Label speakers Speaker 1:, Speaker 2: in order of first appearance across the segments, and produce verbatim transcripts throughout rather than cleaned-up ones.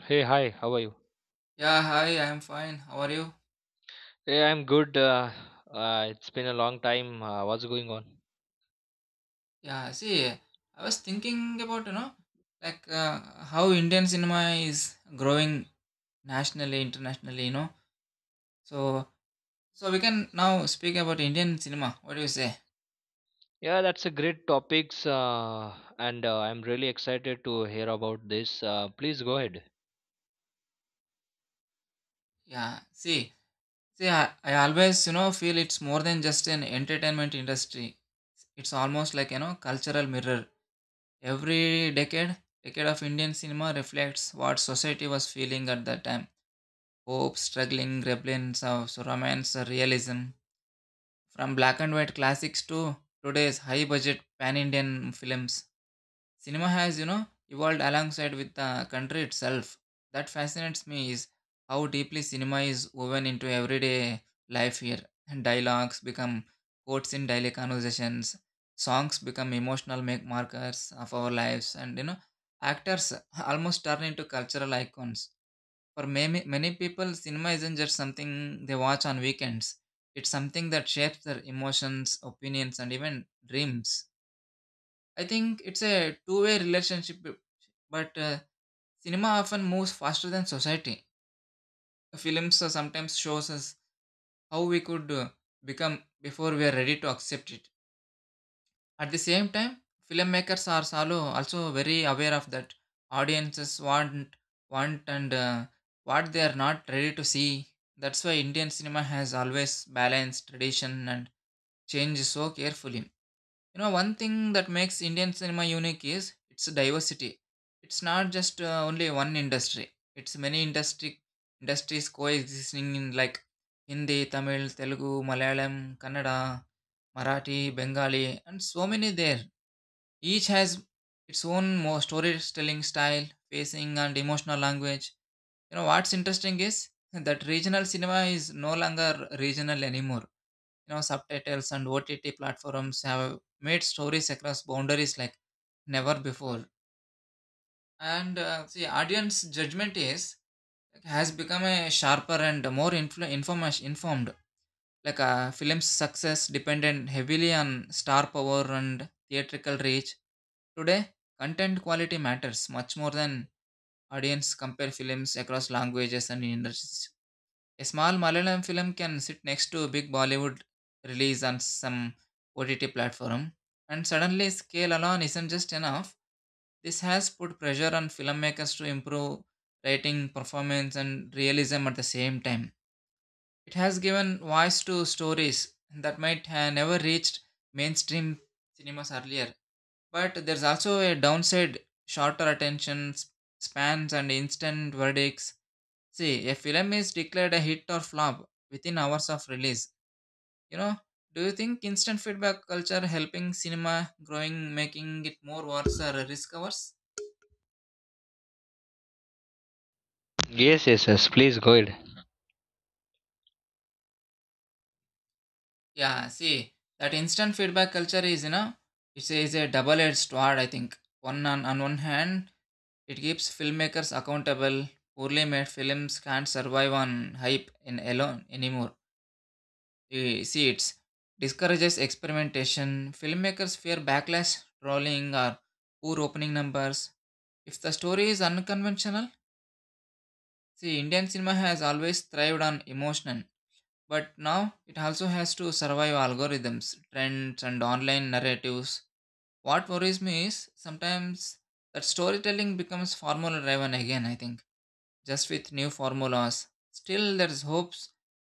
Speaker 1: Hey, hi, how are you?
Speaker 2: Yeah, hi, I'm fine. How are you?
Speaker 1: Hey, I'm good. Uh, uh, it's been a long time. Uh, what's going on?
Speaker 2: Yeah, see, I was thinking about, you know, like uh, how Indian cinema is growing nationally, internationally, you know. So, so we can now speak about Indian cinema. What do you say?
Speaker 1: Yeah, that's a great topics, uh, and uh, I'm really excited to hear about this. Uh, please go ahead.
Speaker 2: Yeah, see, see, I, I always, you know, feel it's more than just an entertainment industry. It's almost like, you know, cultural mirror. Every decade, decade of Indian cinema reflects what society was feeling at that time hope, struggling, rebellions of so romance, uh, realism. From black and white classics to today's high budget pan Indian films. Cinema has, you know, evolved alongside with the country itself. That fascinates me is how deeply cinema is woven into everyday life here. Dialogues become quotes in daily conversations, songs become emotional make markers of our lives, and you know, actors almost turn into cultural icons for many, many people, cinema isn't just something they watch on weekends. It's something that shapes their emotions, opinions, and even dreams. I think it's a two way relationship, but uh, cinema often moves faster than society. Films uh, sometimes shows us how we could uh, become before we are ready to accept it. At the same time, filmmakers are salo also very aware of that audiences want want and uh, what they are not ready to see. That's why Indian cinema has always balanced tradition and change so carefully. You know, one thing that makes Indian cinema unique is its diversity. It's not just uh, only one industry. It's many industry industries coexisting in like Hindi, Tamil, Telugu, Malayalam, Kannada, Marathi, Bengali, and so many there each has its own more storytelling style, pacing, and emotional language. You know what's interesting is that regional cinema is no longer regional anymore. You know subtitles and O T T platforms have made stories across boundaries like never before. And uh, see, audience judgment is like, has become a sharper and more influ- informa- informed. Like a film's success depended heavily on star power and theatrical reach today, content quality matters much more than audience compare films across languages and industries. A small Malayalam film can sit next to a big Bollywood release on some O T T platform, and suddenly scale alone isn't just enough. This has put pressure on filmmakers to improve writing, performance, and realism at the same time. It has given voice to stories that might have never reached mainstream cinemas earlier but there's also a downside shorter attention s- spans and instant verdicts. See, a film is declared a hit or flop within hours of release. You know, do you think instant feedback culture helping cinema growing, making it more worse or risk averse?
Speaker 1: Yes, yes, yes. Please go ahead.
Speaker 2: Yeah, see, that instant feedback culture is, you know, it's a, is a double-edged sword, I think. One on, on one hand, it keeps filmmakers accountable. Poorly made films can't survive on hype in alone anymore eh, see it discourages experimentation. Filmmakers fear backlash, trolling, or poor opening numbers. If the story is unconventional, see, Indian cinema has always thrived on emotion, but now it also has to survive algorithms, trends, and online narratives. What worries me is sometimes that storytelling becomes formula driven again, I think, just with new formulas. Still, there's hopes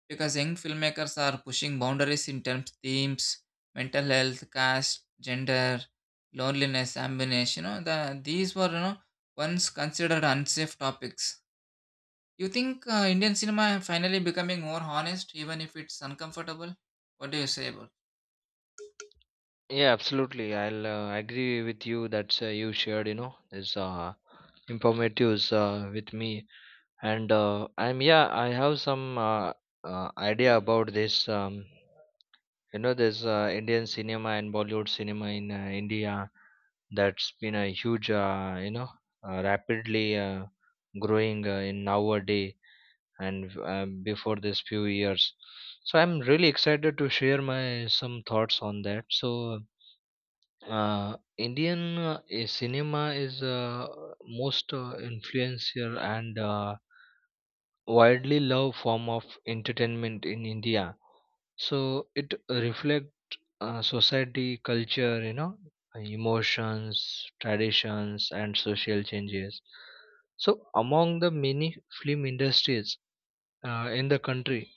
Speaker 2: because young filmmakers are pushing boundaries in terms themes, mental health, caste, gender, loneliness, ambience. You know, the these were you know once considered unsafe topics. You think uh, Indian cinema finally becoming more honest, even if it's uncomfortable? What do you say about?
Speaker 1: Yeah, absolutely. I'll uh, agree with you that uh, you shared. You know, this uh, informatives uh, with me, and uh, I'm yeah. I have some uh, uh, idea about this. Um, You know, there's uh, Indian cinema and Bollywood cinema in uh, India that's been a huge, uh, you know, uh, rapidly uh, growing uh, in nowadays and uh, before this few years. So I'm really excited to share my some thoughts on that. So uh, Indian uh, i- cinema is uh, most uh, influential and uh, widely loved form of entertainment in India. So it reflects uh, society, culture, you know, emotions, traditions, and social changes. So, among the many film industries uh, in the country,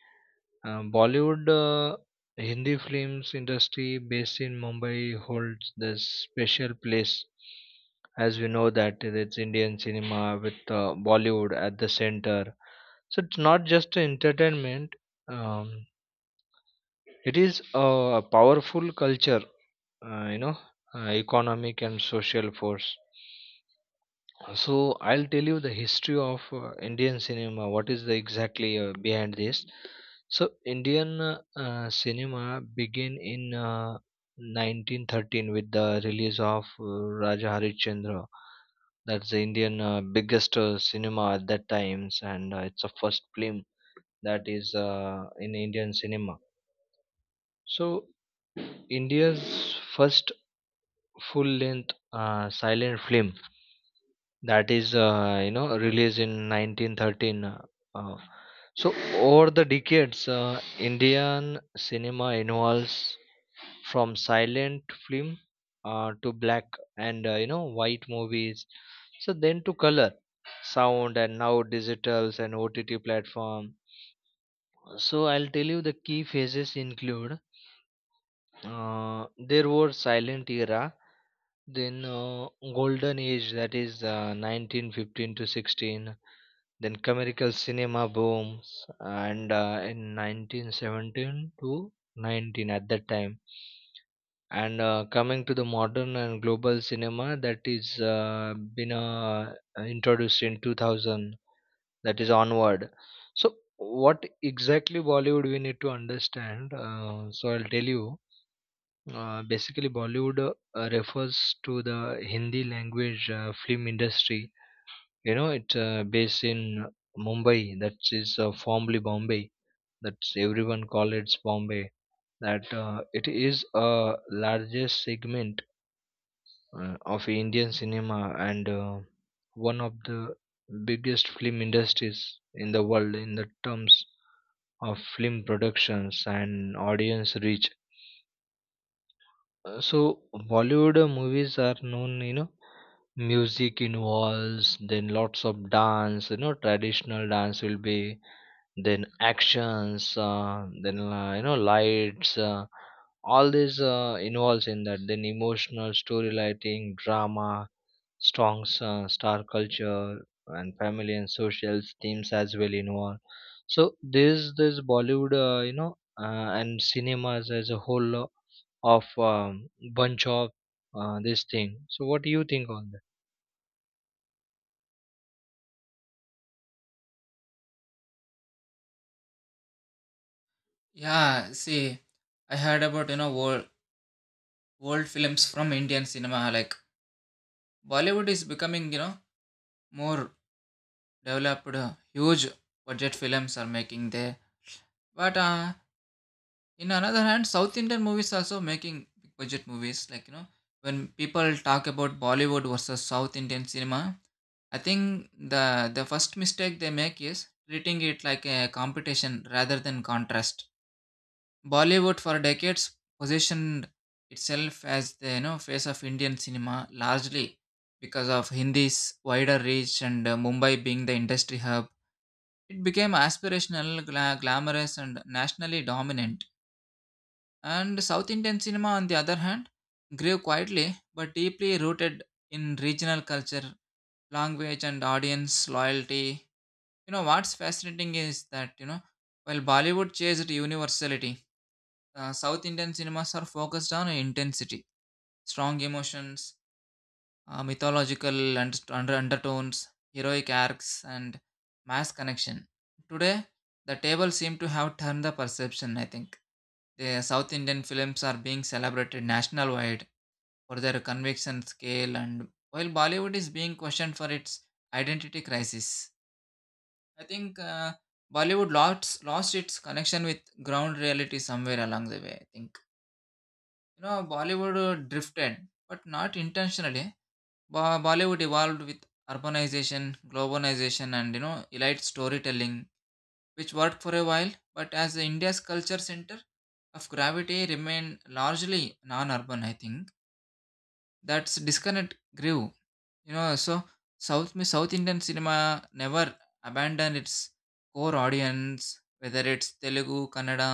Speaker 1: uh, Bollywood uh, Hindi films industry based in Mumbai holds this special place. As we know that it's Indian cinema with uh, Bollywood at the center. So it's not just entertainment; um, it is a powerful culture, uh, you know, uh, economic and social force. So I'll tell you the history of uh, Indian cinema, what is the exactly uh, behind this. So Indian uh, uh, cinema began in uh, nineteen thirteen with the release of uh, Raja Harichandra. That's the Indian uh, biggest uh, cinema at that times, and uh, it's a first film that is uh, in Indian cinema. So India's first full length uh, silent film that is uh, you know released in nineteen thirteen. Uh, uh, so over the decades, uh, Indian cinema evolves from silent film uh, to black and uh, you know white movies. So then to color sound, and now digitals and OTT platform. So I'll tell you the key phases include, uh, there were silent era, then uh, golden age that is uh, nineteen fifteen to sixteen, then commercial cinema booms, and uh, in nineteen seventeen to nineteen at that time. And uh, coming to the modern and global cinema that is uh, been uh, introduced in two thousand, that is onward. So what exactly Bollywood we need to understand? Uh, so I'll tell you. Uh, basically, Bollywood uh, refers to the Hindi language uh, film industry. You know, it's uh, based in Mumbai. That is uh, formerly Bombay. That's everyone call it Bombay. That uh, it is a largest segment uh, of Indian cinema, and uh, one of the biggest film industries in the world in the terms of film productions and audience reach. Uh, So Bollywood uh, movies are known, you know, music involves, then lots of dance, you know, traditional dance will be, then actions, uh, then uh, you know lights, uh, all this uh, involves in that, then emotional story lighting drama, strong uh, star culture, and family and social themes as well involved. So this this Bollywood, uh, you know, uh, and cinemas as a whole lo- of um, bunch of uh, this thing. So what do you think on that?
Speaker 2: Yeah, see, I heard about you know world world films from Indian cinema. Like Bollywood is becoming you know more developed, uh, huge budget films are making there. But uh, in another hand south indian movies also making big budget movies like you know when people talk about bollywood versus south indian cinema I think the the first mistake they make is treating it like a competition rather than contrast bollywood for decades positioned itself as the you know face of indian cinema largely because of hindi's wider reach and uh, mumbai being the industry hub it became aspirational gla- glamorous and nationally dominant and South Indian cinema, on the other hand, grew quietly but deeply rooted in regional culture, language, and audience loyalty. You know, what's fascinating is that, you know, while Bollywood chased universality, uh, South Indian cinemas are focused on intensity, strong emotions, uh, mythological and under undertones, heroic arcs, and mass connection. Today, the table seemed to have turned the perception, I think the South Indian films are being celebrated national wide for their conviction scale and while bollywood is being questioned for its identity crisis I think uh, bollywood lost lost its connection with ground reality somewhere along the way I think you know bollywood uh, drifted but not intentionally Bo- bollywood evolved with urbanization globalization and you know elite storytelling which worked for a while but as india's culture center of gravity remained largely non-urban I think that's disconnect grew. You know, so South means South Indian cinema never abandoned its core audience, whether it's Telugu, Kannada,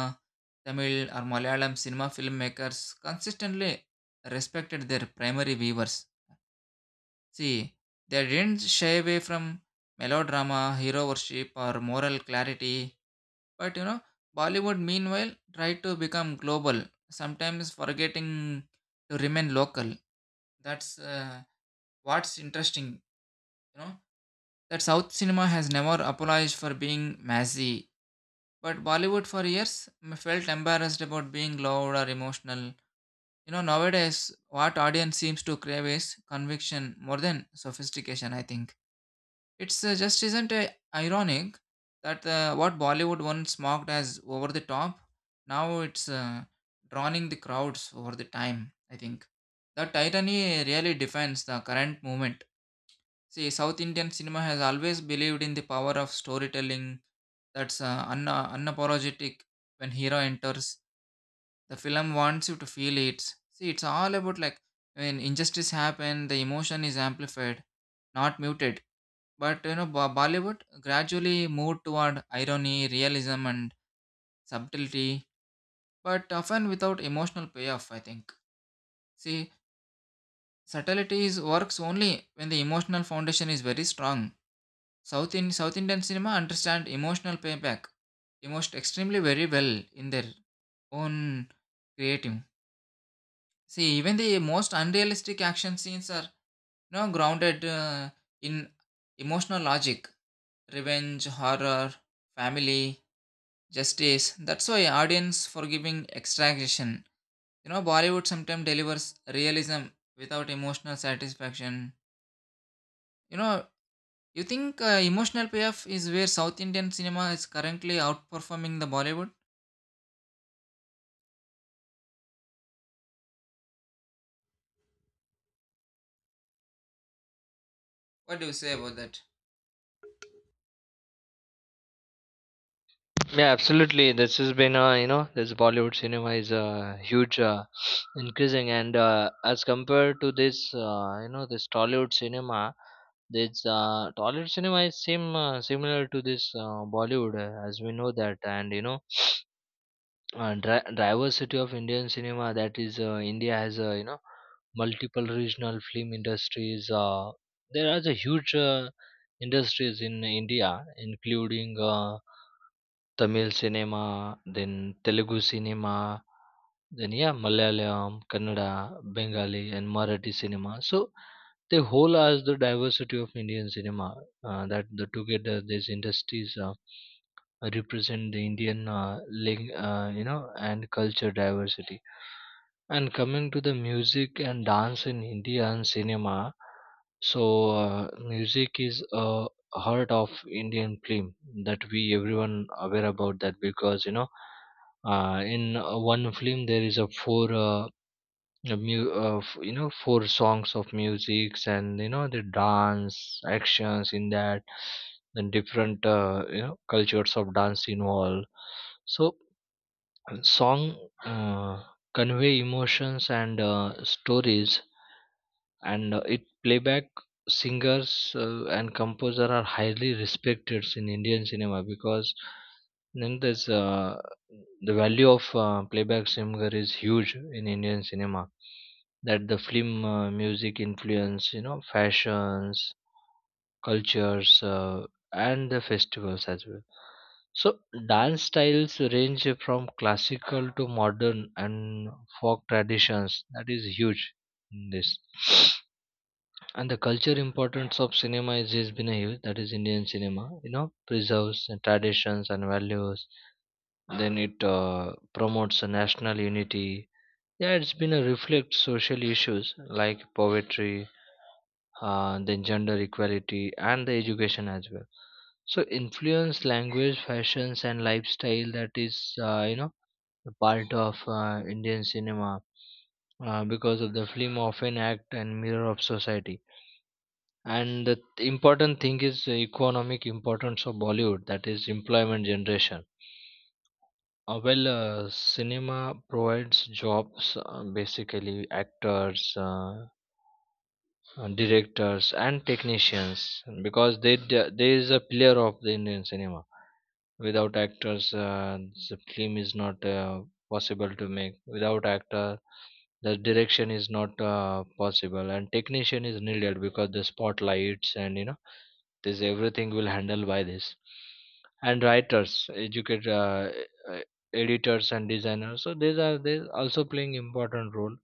Speaker 2: Tamil, or Malayalam cinema filmmakers consistently respected their primary viewers. See, they didn't shy away from melodrama, hero worship, or moral clarity. But you know, Bollywood meanwhile tried to become global, sometimes forgetting to remain local. That's uh, what's interesting, you know that South cinema has never apologized for being messy, but Bollywood for years m- felt embarrassed about being loud or emotional. You know, nowadays, what audience seems to crave is conviction more than sophistication, I think. It's uh, just isn't uh, ironic that uh, what Bollywood once mocked as over the top, now it's uh, drawing the crowds over the time, I think. That irony really defines the current movement. See, South Indian cinema has always believed in the power of storytelling that's uh, un- uh, unapologetic when hero enters. The film wants you to feel it. See, it's all about like when injustice happen, the emotion is amplified, not muted. But you know, Bo- Bollywood gradually moved toward irony, realism, and subtlety, but often without emotional payoff, I think. See, subtlety is works only when the emotional foundation is very strong South in South Indian cinema understand emotional payback, emotion extremely very well in their own creative. See, even the most unrealistic action scenes are you know, grounded uh, in emotional logic, revenge, horror, family, justice. That's why audience forgiving extraction. You know, Bollywood sometimes delivers realism without emotional satisfaction. You know, you think uh, emotional payoff is where South Indian cinema is currently outperforming the Bollywood? What do you say about that?
Speaker 1: Yeah, absolutely. This has been, uh, you know, this Bollywood cinema is uh, huge, uh, increasing, and uh, as compared to this, uh, you know, this Tollywood cinema, this uh, Tollywood cinema is same uh, similar to this uh, Bollywood, uh, as we know that, and you know, uh, dri- diversity of Indian cinema, that is, uh, India has, uh, you know, multiple regional film industries. Uh, there are a huge uh, industries in India, including. Uh, Tamil cinema, then Telugu cinema, then yeah, Malayalam, Kannada, Bengali and Marathi cinema. So they whole as the diversity of Indian cinema, uh, that the together these industries are represent the Indian uh, ling- uh, you know and culture diversity. And coming to the music and dance in Indian cinema, so uh, music is a heart of Indian film, that we everyone aware about that, because you know, uh, in uh, one film there is a four uh, of mu- of you know four songs of musics, and you know the dance actions in that, and different, uh, you know, cultures of dance involved. So uh, song uh, convey emotions and uh, stories, and uh, it playback singers uh, and composer are highly respected in Indian cinema, because then there's uh, the value of uh, playback singer is huge in Indian cinema, that the film uh, music influence, you know, fashions, cultures, uh, and the festivals as well. So dance styles range from classical to modern and folk traditions, that is huge in this. And the culture importance of cinema is, has been a huge, that is Indian cinema, you know, preserves the traditions and values. Then it uh, promotes a national unity. Yeah, it's been a reflect social issues like poetry, uh, then gender equality and the education as well. So influence language, fashions and lifestyle, that is, uh, you know, a part of uh, Indian cinema, uh, because of the film often act and mirror of society. And the important thing is the economic importance of Bollywood, that is employment generation. Uh, well, uh, cinema provides jobs, uh, basically actors, uh, uh, directors and technicians, because they d- they is a pillar of the Indian cinema. Without actors, uh, the film is not uh, possible to make. Without actor, the direction is not uh, possible, and technician is needed because the spotlights, and you know this everything will handle by this. And writers, educate, uh, uh, editors and designers. So these are they also playing important role,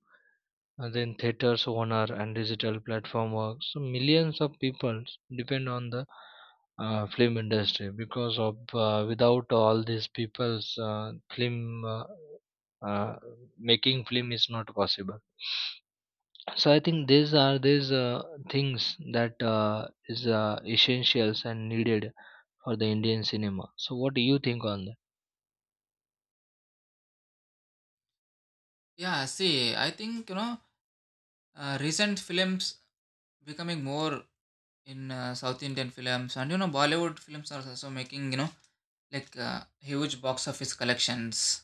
Speaker 1: and then theaters owner and digital platform work, so millions of people depend on the uh, film industry, because of uh, without all these people's, uh, film uh, uh, making film is not possible. So I think these are these uh, things that uh, is uh, essentials and needed for the Indian cinema. So what do you think on?
Speaker 2: Yeah, see, I think you know uh, recent films becoming more in uh, South Indian films, and you know Bollywood films are also making you know like uh, huge box office collections.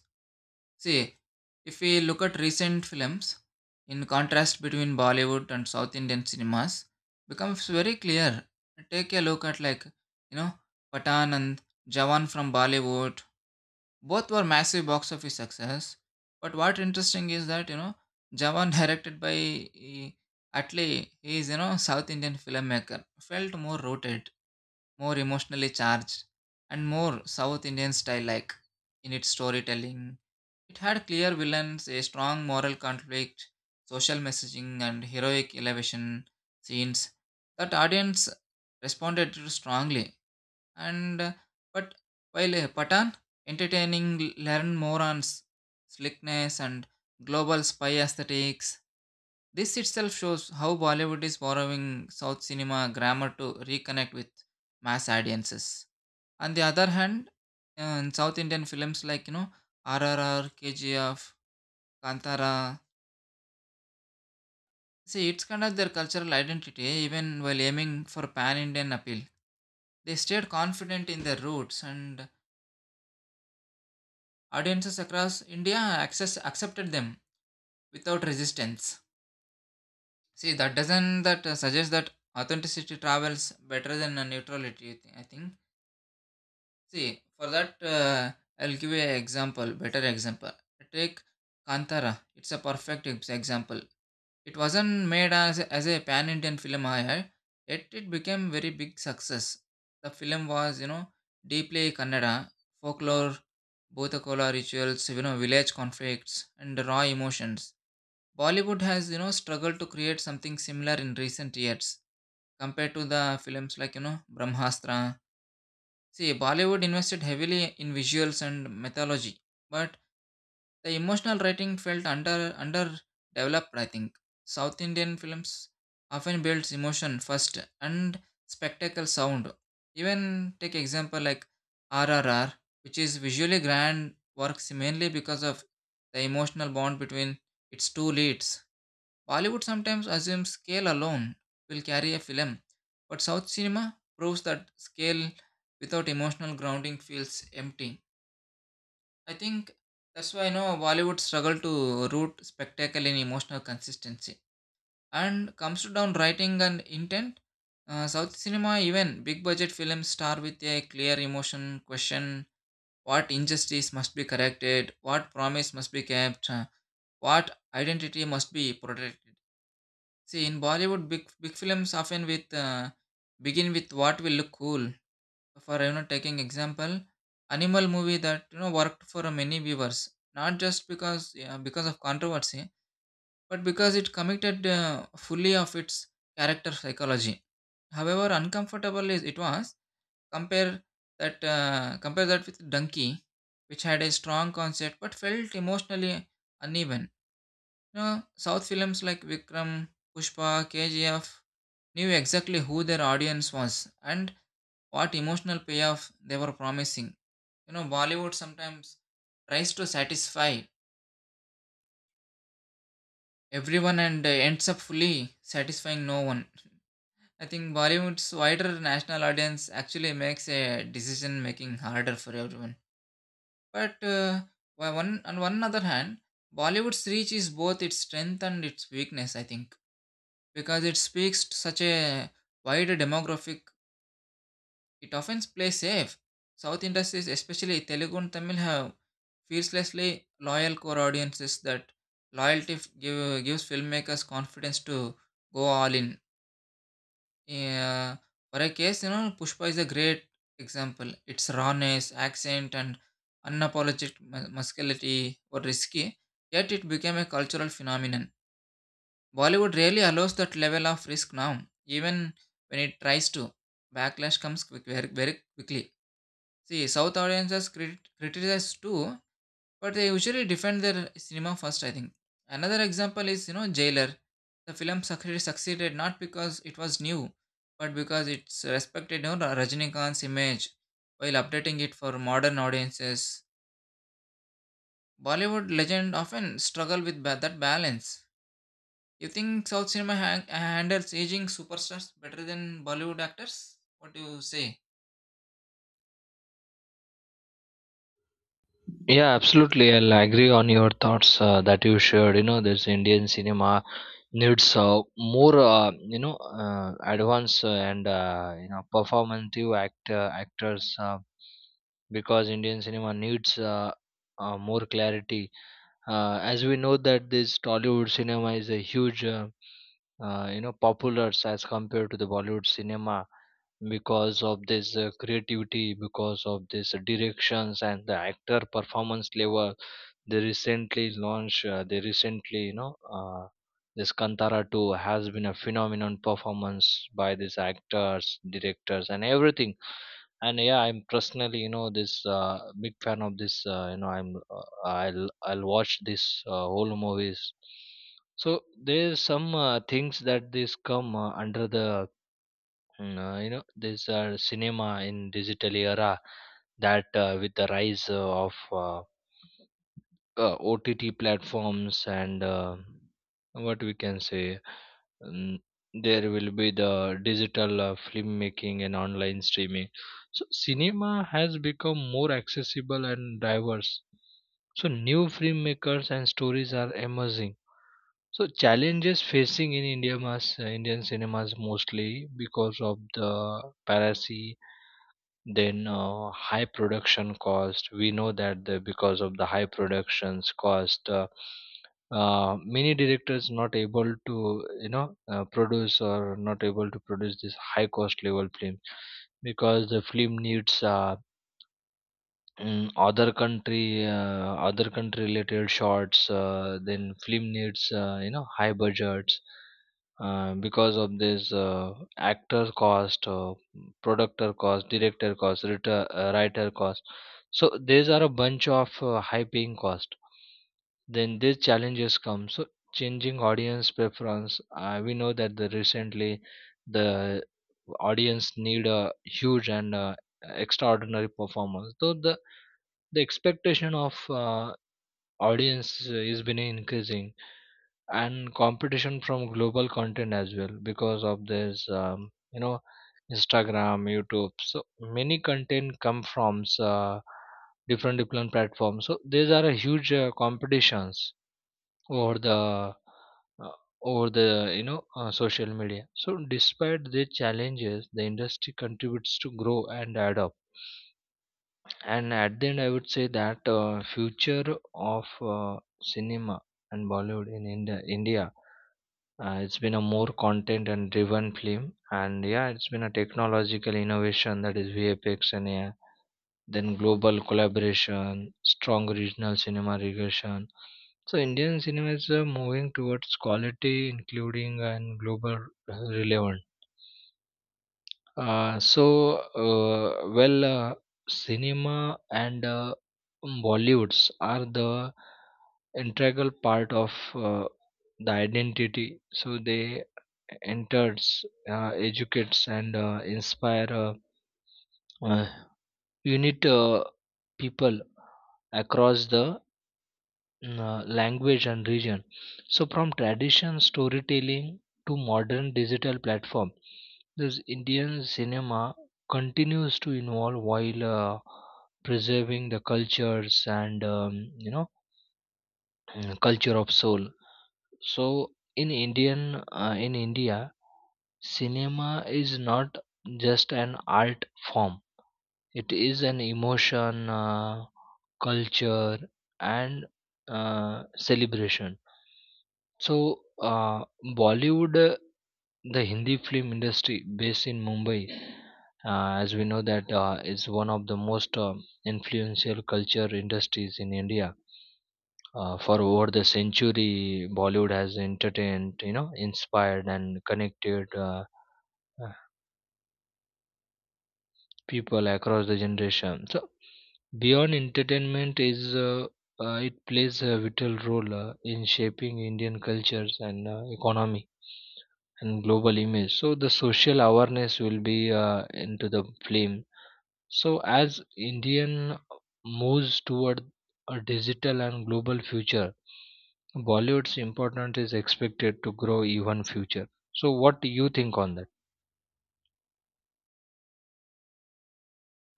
Speaker 2: See, if we look at recent films, in contrast between Bollywood and South Indian cinemas, becomes very clear. Take a look at like, you know, Patan and Jawan from Bollywood. Both were massive box office success. But what interesting is that, you know, Jawan directed by eh, Atlee, he is, you know, South Indian filmmaker, felt more rooted, more emotionally charged, and more South Indian style like in its storytelling it had clear villains, a strong moral conflict, social messaging, and heroic elevation scenes that audience responded to strongly. And uh, but while uh, Patan entertaining learned more on s- slickness and global spy aesthetics. This itself shows how Bollywood is borrowing South cinema grammar to reconnect with mass audiences. On the other hand, uh, in South Indian films like you know R R R, K G F, Kantara. See, it's kind of their cultural identity even while aiming for pan Indian appeal. They stayed confident in their roots and audiences across India access, accepted them without resistance. See, that doesn't that uh, suggest that authenticity travels better than uh, neutrality, I think. See, for that, uh, I'll give you an example, better example. Take Kantara. It's a perfect ex- example. It wasn't made as a, as a pan Indian film, I heard, yet it became very big success. The film was, you know, deeply Kannada, folklore, Bhutakola rituals, you know, village conflicts, and raw emotions. Bollywood has, you know, struggled to create something similar in recent years compared to the films like, you know, Brahmastra. See, Bollywood invested heavily in visuals and mythology, but the emotional writing felt under underdeveloped, I think. South Indian films often builds emotion first and spectacle sound. Even take example like R R R, which is visually grand, works mainly because of the emotional bond between its two leads. Bollywood sometimes assumes scale alone will carry a film, but South cinema proves that scale without emotional grounding feels empty. I think that's why you know Bollywood struggle to root spectacle in emotional consistency. And comes to down writing and intent, uh, South cinema even big budget films star with a clear emotion question: what injustice must be corrected, what promise must be kept, uh, what identity must be protected. See, in Bollywood, big big films often with uh, begin with what will look cool, for you know taking example animal movie that you know worked for many viewers not just because yeah, because of controversy but because it committed uh, fully of its character psychology however uncomfortable is it was compare that uh, compare that with donkey which had a strong concept but felt emotionally uneven. You know, south films like Vikram, Pushpa, KGF knew exactly who their audience was and what emotional payoff they were promising. You know, Bollywood sometimes tries to satisfy everyone and uh, ends up fully satisfying no one. I think Bollywood's wider national audience actually makes a decision making harder for everyone. But uh, why one on one other hand, Bollywood's reach is both its strength and its weakness. I think because it speaks to such a wider demographic, it often plays safe. South industries, especially Telugu and Tamil, have fearlessly loyal core audiences that loyalty f- give, gives filmmakers confidence to go all in. Uh, for a case, you know, Pushpa is a great example. Its rawness, accent, and unapologetic mu- muscularity were risky, yet it became a cultural phenomenon. Bollywood rarely allows that level of risk now, even when it tries to. Backlash comes quick, very, very quickly. See, South audiences crit- criticize too, but they usually defend their cinema first, I think. Another example is, you know, Jailer. The film succeeded, succeeded not because it was new, but because it's respected, you know, Rajinikanth's image while updating it for modern audiences. Bollywood legend often struggle with ba- that balance. You think South cinema hang- handles aging superstars better than Bollywood actors? What do you say?
Speaker 1: Yeah, absolutely. I'll agree on your thoughts uh, that you shared. You know, this Indian cinema needs uh, more, uh, you know, uh, advanced uh, and uh, you know, performative actor actors, uh, because Indian cinema needs uh, uh, more clarity. Uh, as we know that this Tollywood cinema is a huge, uh, uh, you know, popular as compared to the Bollywood cinema, because of this uh, creativity, because of this directions and the actor performance level they recently launched. Uh, they recently, you know, uh, this Kantara two has been a phenomenon performance by these actors, directors, and everything. And yeah, I'm personally, you know, this uh, big fan of this. Uh, you know, I'm uh, I'll I'll watch this uh, whole movies. So there's some uh, things that this come uh, under the, mm, uh, you know, this uh, cinema in digital era, that uh, with the rise uh, of uh, uh, O T T platforms, and uh, what we can say, um, there will be the digital uh, filmmaking and online streaming. So cinema has become more accessible and diverse. So new filmmakers and stories are emerging. So challenges facing in India, mas, uh, Indian cinemas, mostly because of the piracy, then uh, high production cost. We know that the, because of the high productions cost, uh, uh, many directors not able to, you know, uh, produce or not able to produce this high cost level film, because the film needs uh, Mm, other country uh, other country related shots, uh, then film needs uh, you know high budgets, uh, because of this uh, actor cost, uh, producer cost, director cost, writer, uh, writer cost, so these are a bunch of uh, high paying cost, then these challenges come. So changing audience preference, uh, we know that the recently the audience need a huge and uh, extraordinary performance. So the the expectation of uh, audience is been increasing, and competition from global content as well, because of this, um, you know, Instagram, YouTube. So many content come from uh, different different platforms, so these are a huge uh, competitions over the, uh, over the, you know, uh, social media. So despite the challenges, the industry contributes to grow and adapt. And at the end, I would say that uh, future of uh, cinema and Bollywood in India, India, uh, it's been a more content and driven film, and yeah, it's been a technological innovation, that is V F X and A I, then global collaboration, strong regional cinema regulation. So Indian cinema is uh, moving towards quality, including uh, and global relevance. Uh, so, uh, well, uh, cinema and uh, Bollywoods are the integral part of uh, the identity. So they enters, uh, educates, and uh, inspire, uh, uh, unit, uh, people across the uh, language and region. So from tradition storytelling to modern digital platform, this Indian cinema continues to evolve, while uh, preserving the cultures and, um, you know, mm, culture of soul. So in Indian, uh, in India, cinema is not just an art form. It is an emotion, uh, culture, and uh, celebration. So, uh, Bollywood, uh, the Hindi film industry based in Mumbai, uh, as we know that uh, is one of the most um influential culture industries in India. Uh, for over the century, Bollywood has entertained, you know, inspired and connected uh, uh, people across the generation. So, beyond entertainment, is uh, uh, it plays a vital role uh, in shaping Indian cultures and uh, economy, and global image. So the social awareness will be uh, into the flame. So as Indian moves toward a digital and global future, Bollywood's importance is expected to grow even future. So what do you think on that?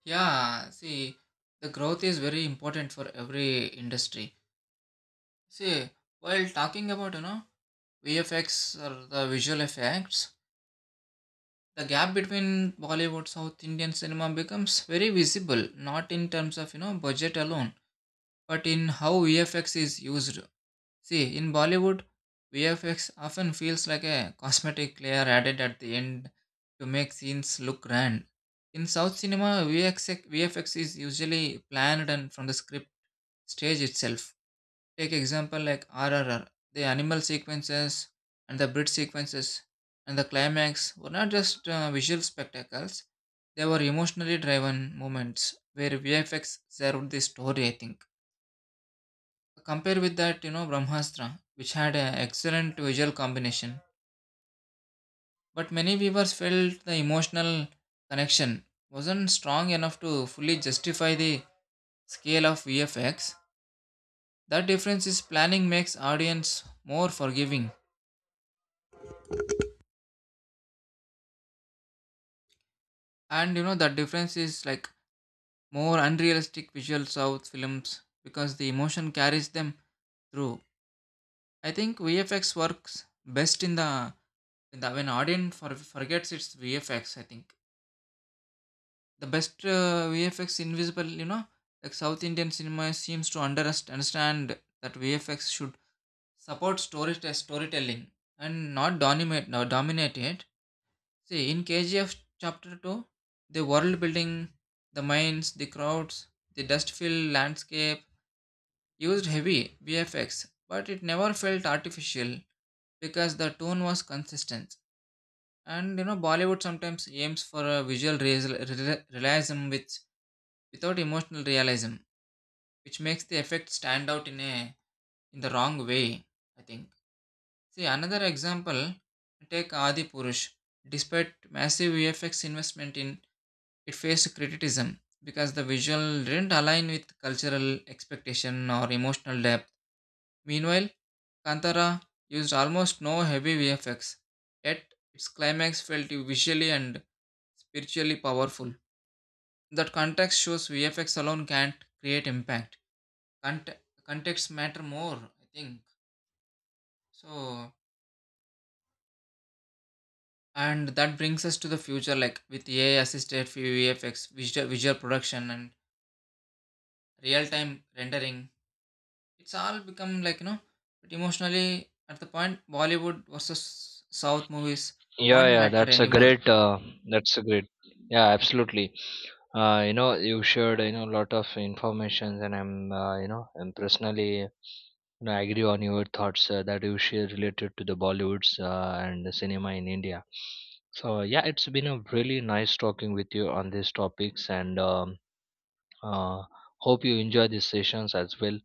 Speaker 2: Yeah, see, the growth is very important for every industry. See, while talking about, you know, V F X or the visual effects, the gap between Bollywood South Indian cinema becomes very visible, not in terms of, you know, budget alone, but in how V F X is used. See, in Bollywood, V F X often feels like a cosmetic layer added at the end to make scenes look grand. In South cinema, VFX, V F X is usually planned and from the script stage itself. Take example like R R R, the animal sequences and the bridge sequences and the climax were not just uh, visual spectacles; they were emotionally driven moments where V F X served the story. I think. Compare with that, you know, Brahmastra, which had an excellent visual combination, but many viewers felt the emotional connection wasn't strong enough to fully justify the scale of V F X. That difference is planning makes audience more forgiving, and you know the difference is like more unrealistic visual south films because the emotion carries them through. I think VFX works best in the, in the when audience for, forgets its VFX. I think the best uh, VFX invisible, you know, like south Indian cinema seems to under, understand that VFX should support story storytelling and not dominate not dominate it. See, in K G F Chapter two, the world building, the mines, the crowds, the dust filled landscape used heavy V F X, but it never felt artificial because the tone was consistent. And you know, Bollywood sometimes aims for a visual real- real- realism with, without emotional realism, which makes the effect stand out in a in the wrong way. I think. See another example. Take Adi Purush. Despite massive V F X investment in, it faced criticism because the visual didn't align with cultural expectation or emotional depth. Meanwhile, Kantara used almost no heavy V F X, yet its climax felt visually and spiritually powerful. That context shows V F X alone can't create impact. Cont- Context matter more, I think. So, and that brings us to the future, like with A I assisted V F X, visual, visual production, and real time rendering. It's all become like, you know, but emotionally at the point Bollywood versus South movies
Speaker 1: Yeah,
Speaker 2: won't
Speaker 1: yeah,
Speaker 2: matter
Speaker 1: that's a
Speaker 2: anymore.
Speaker 1: great, uh, that's a great, yeah, absolutely. Uh, you know, you shared, you know, a lot of information, and I'm, uh, you know, I'm personally, you know, I agree on your thoughts uh, that you share related to the Bollywoods uh, and the cinema in India. So yeah, it's been a really nice talking with you on these topics, and um, uh, hope you enjoy these sessions as well.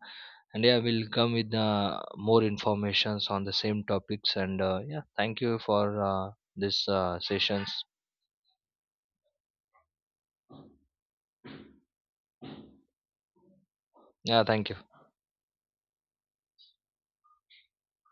Speaker 1: And yeah, we'll come with uh, more informations on the same topics. And uh, yeah, thank you for uh, this uh, sessions. Yeah, thank you.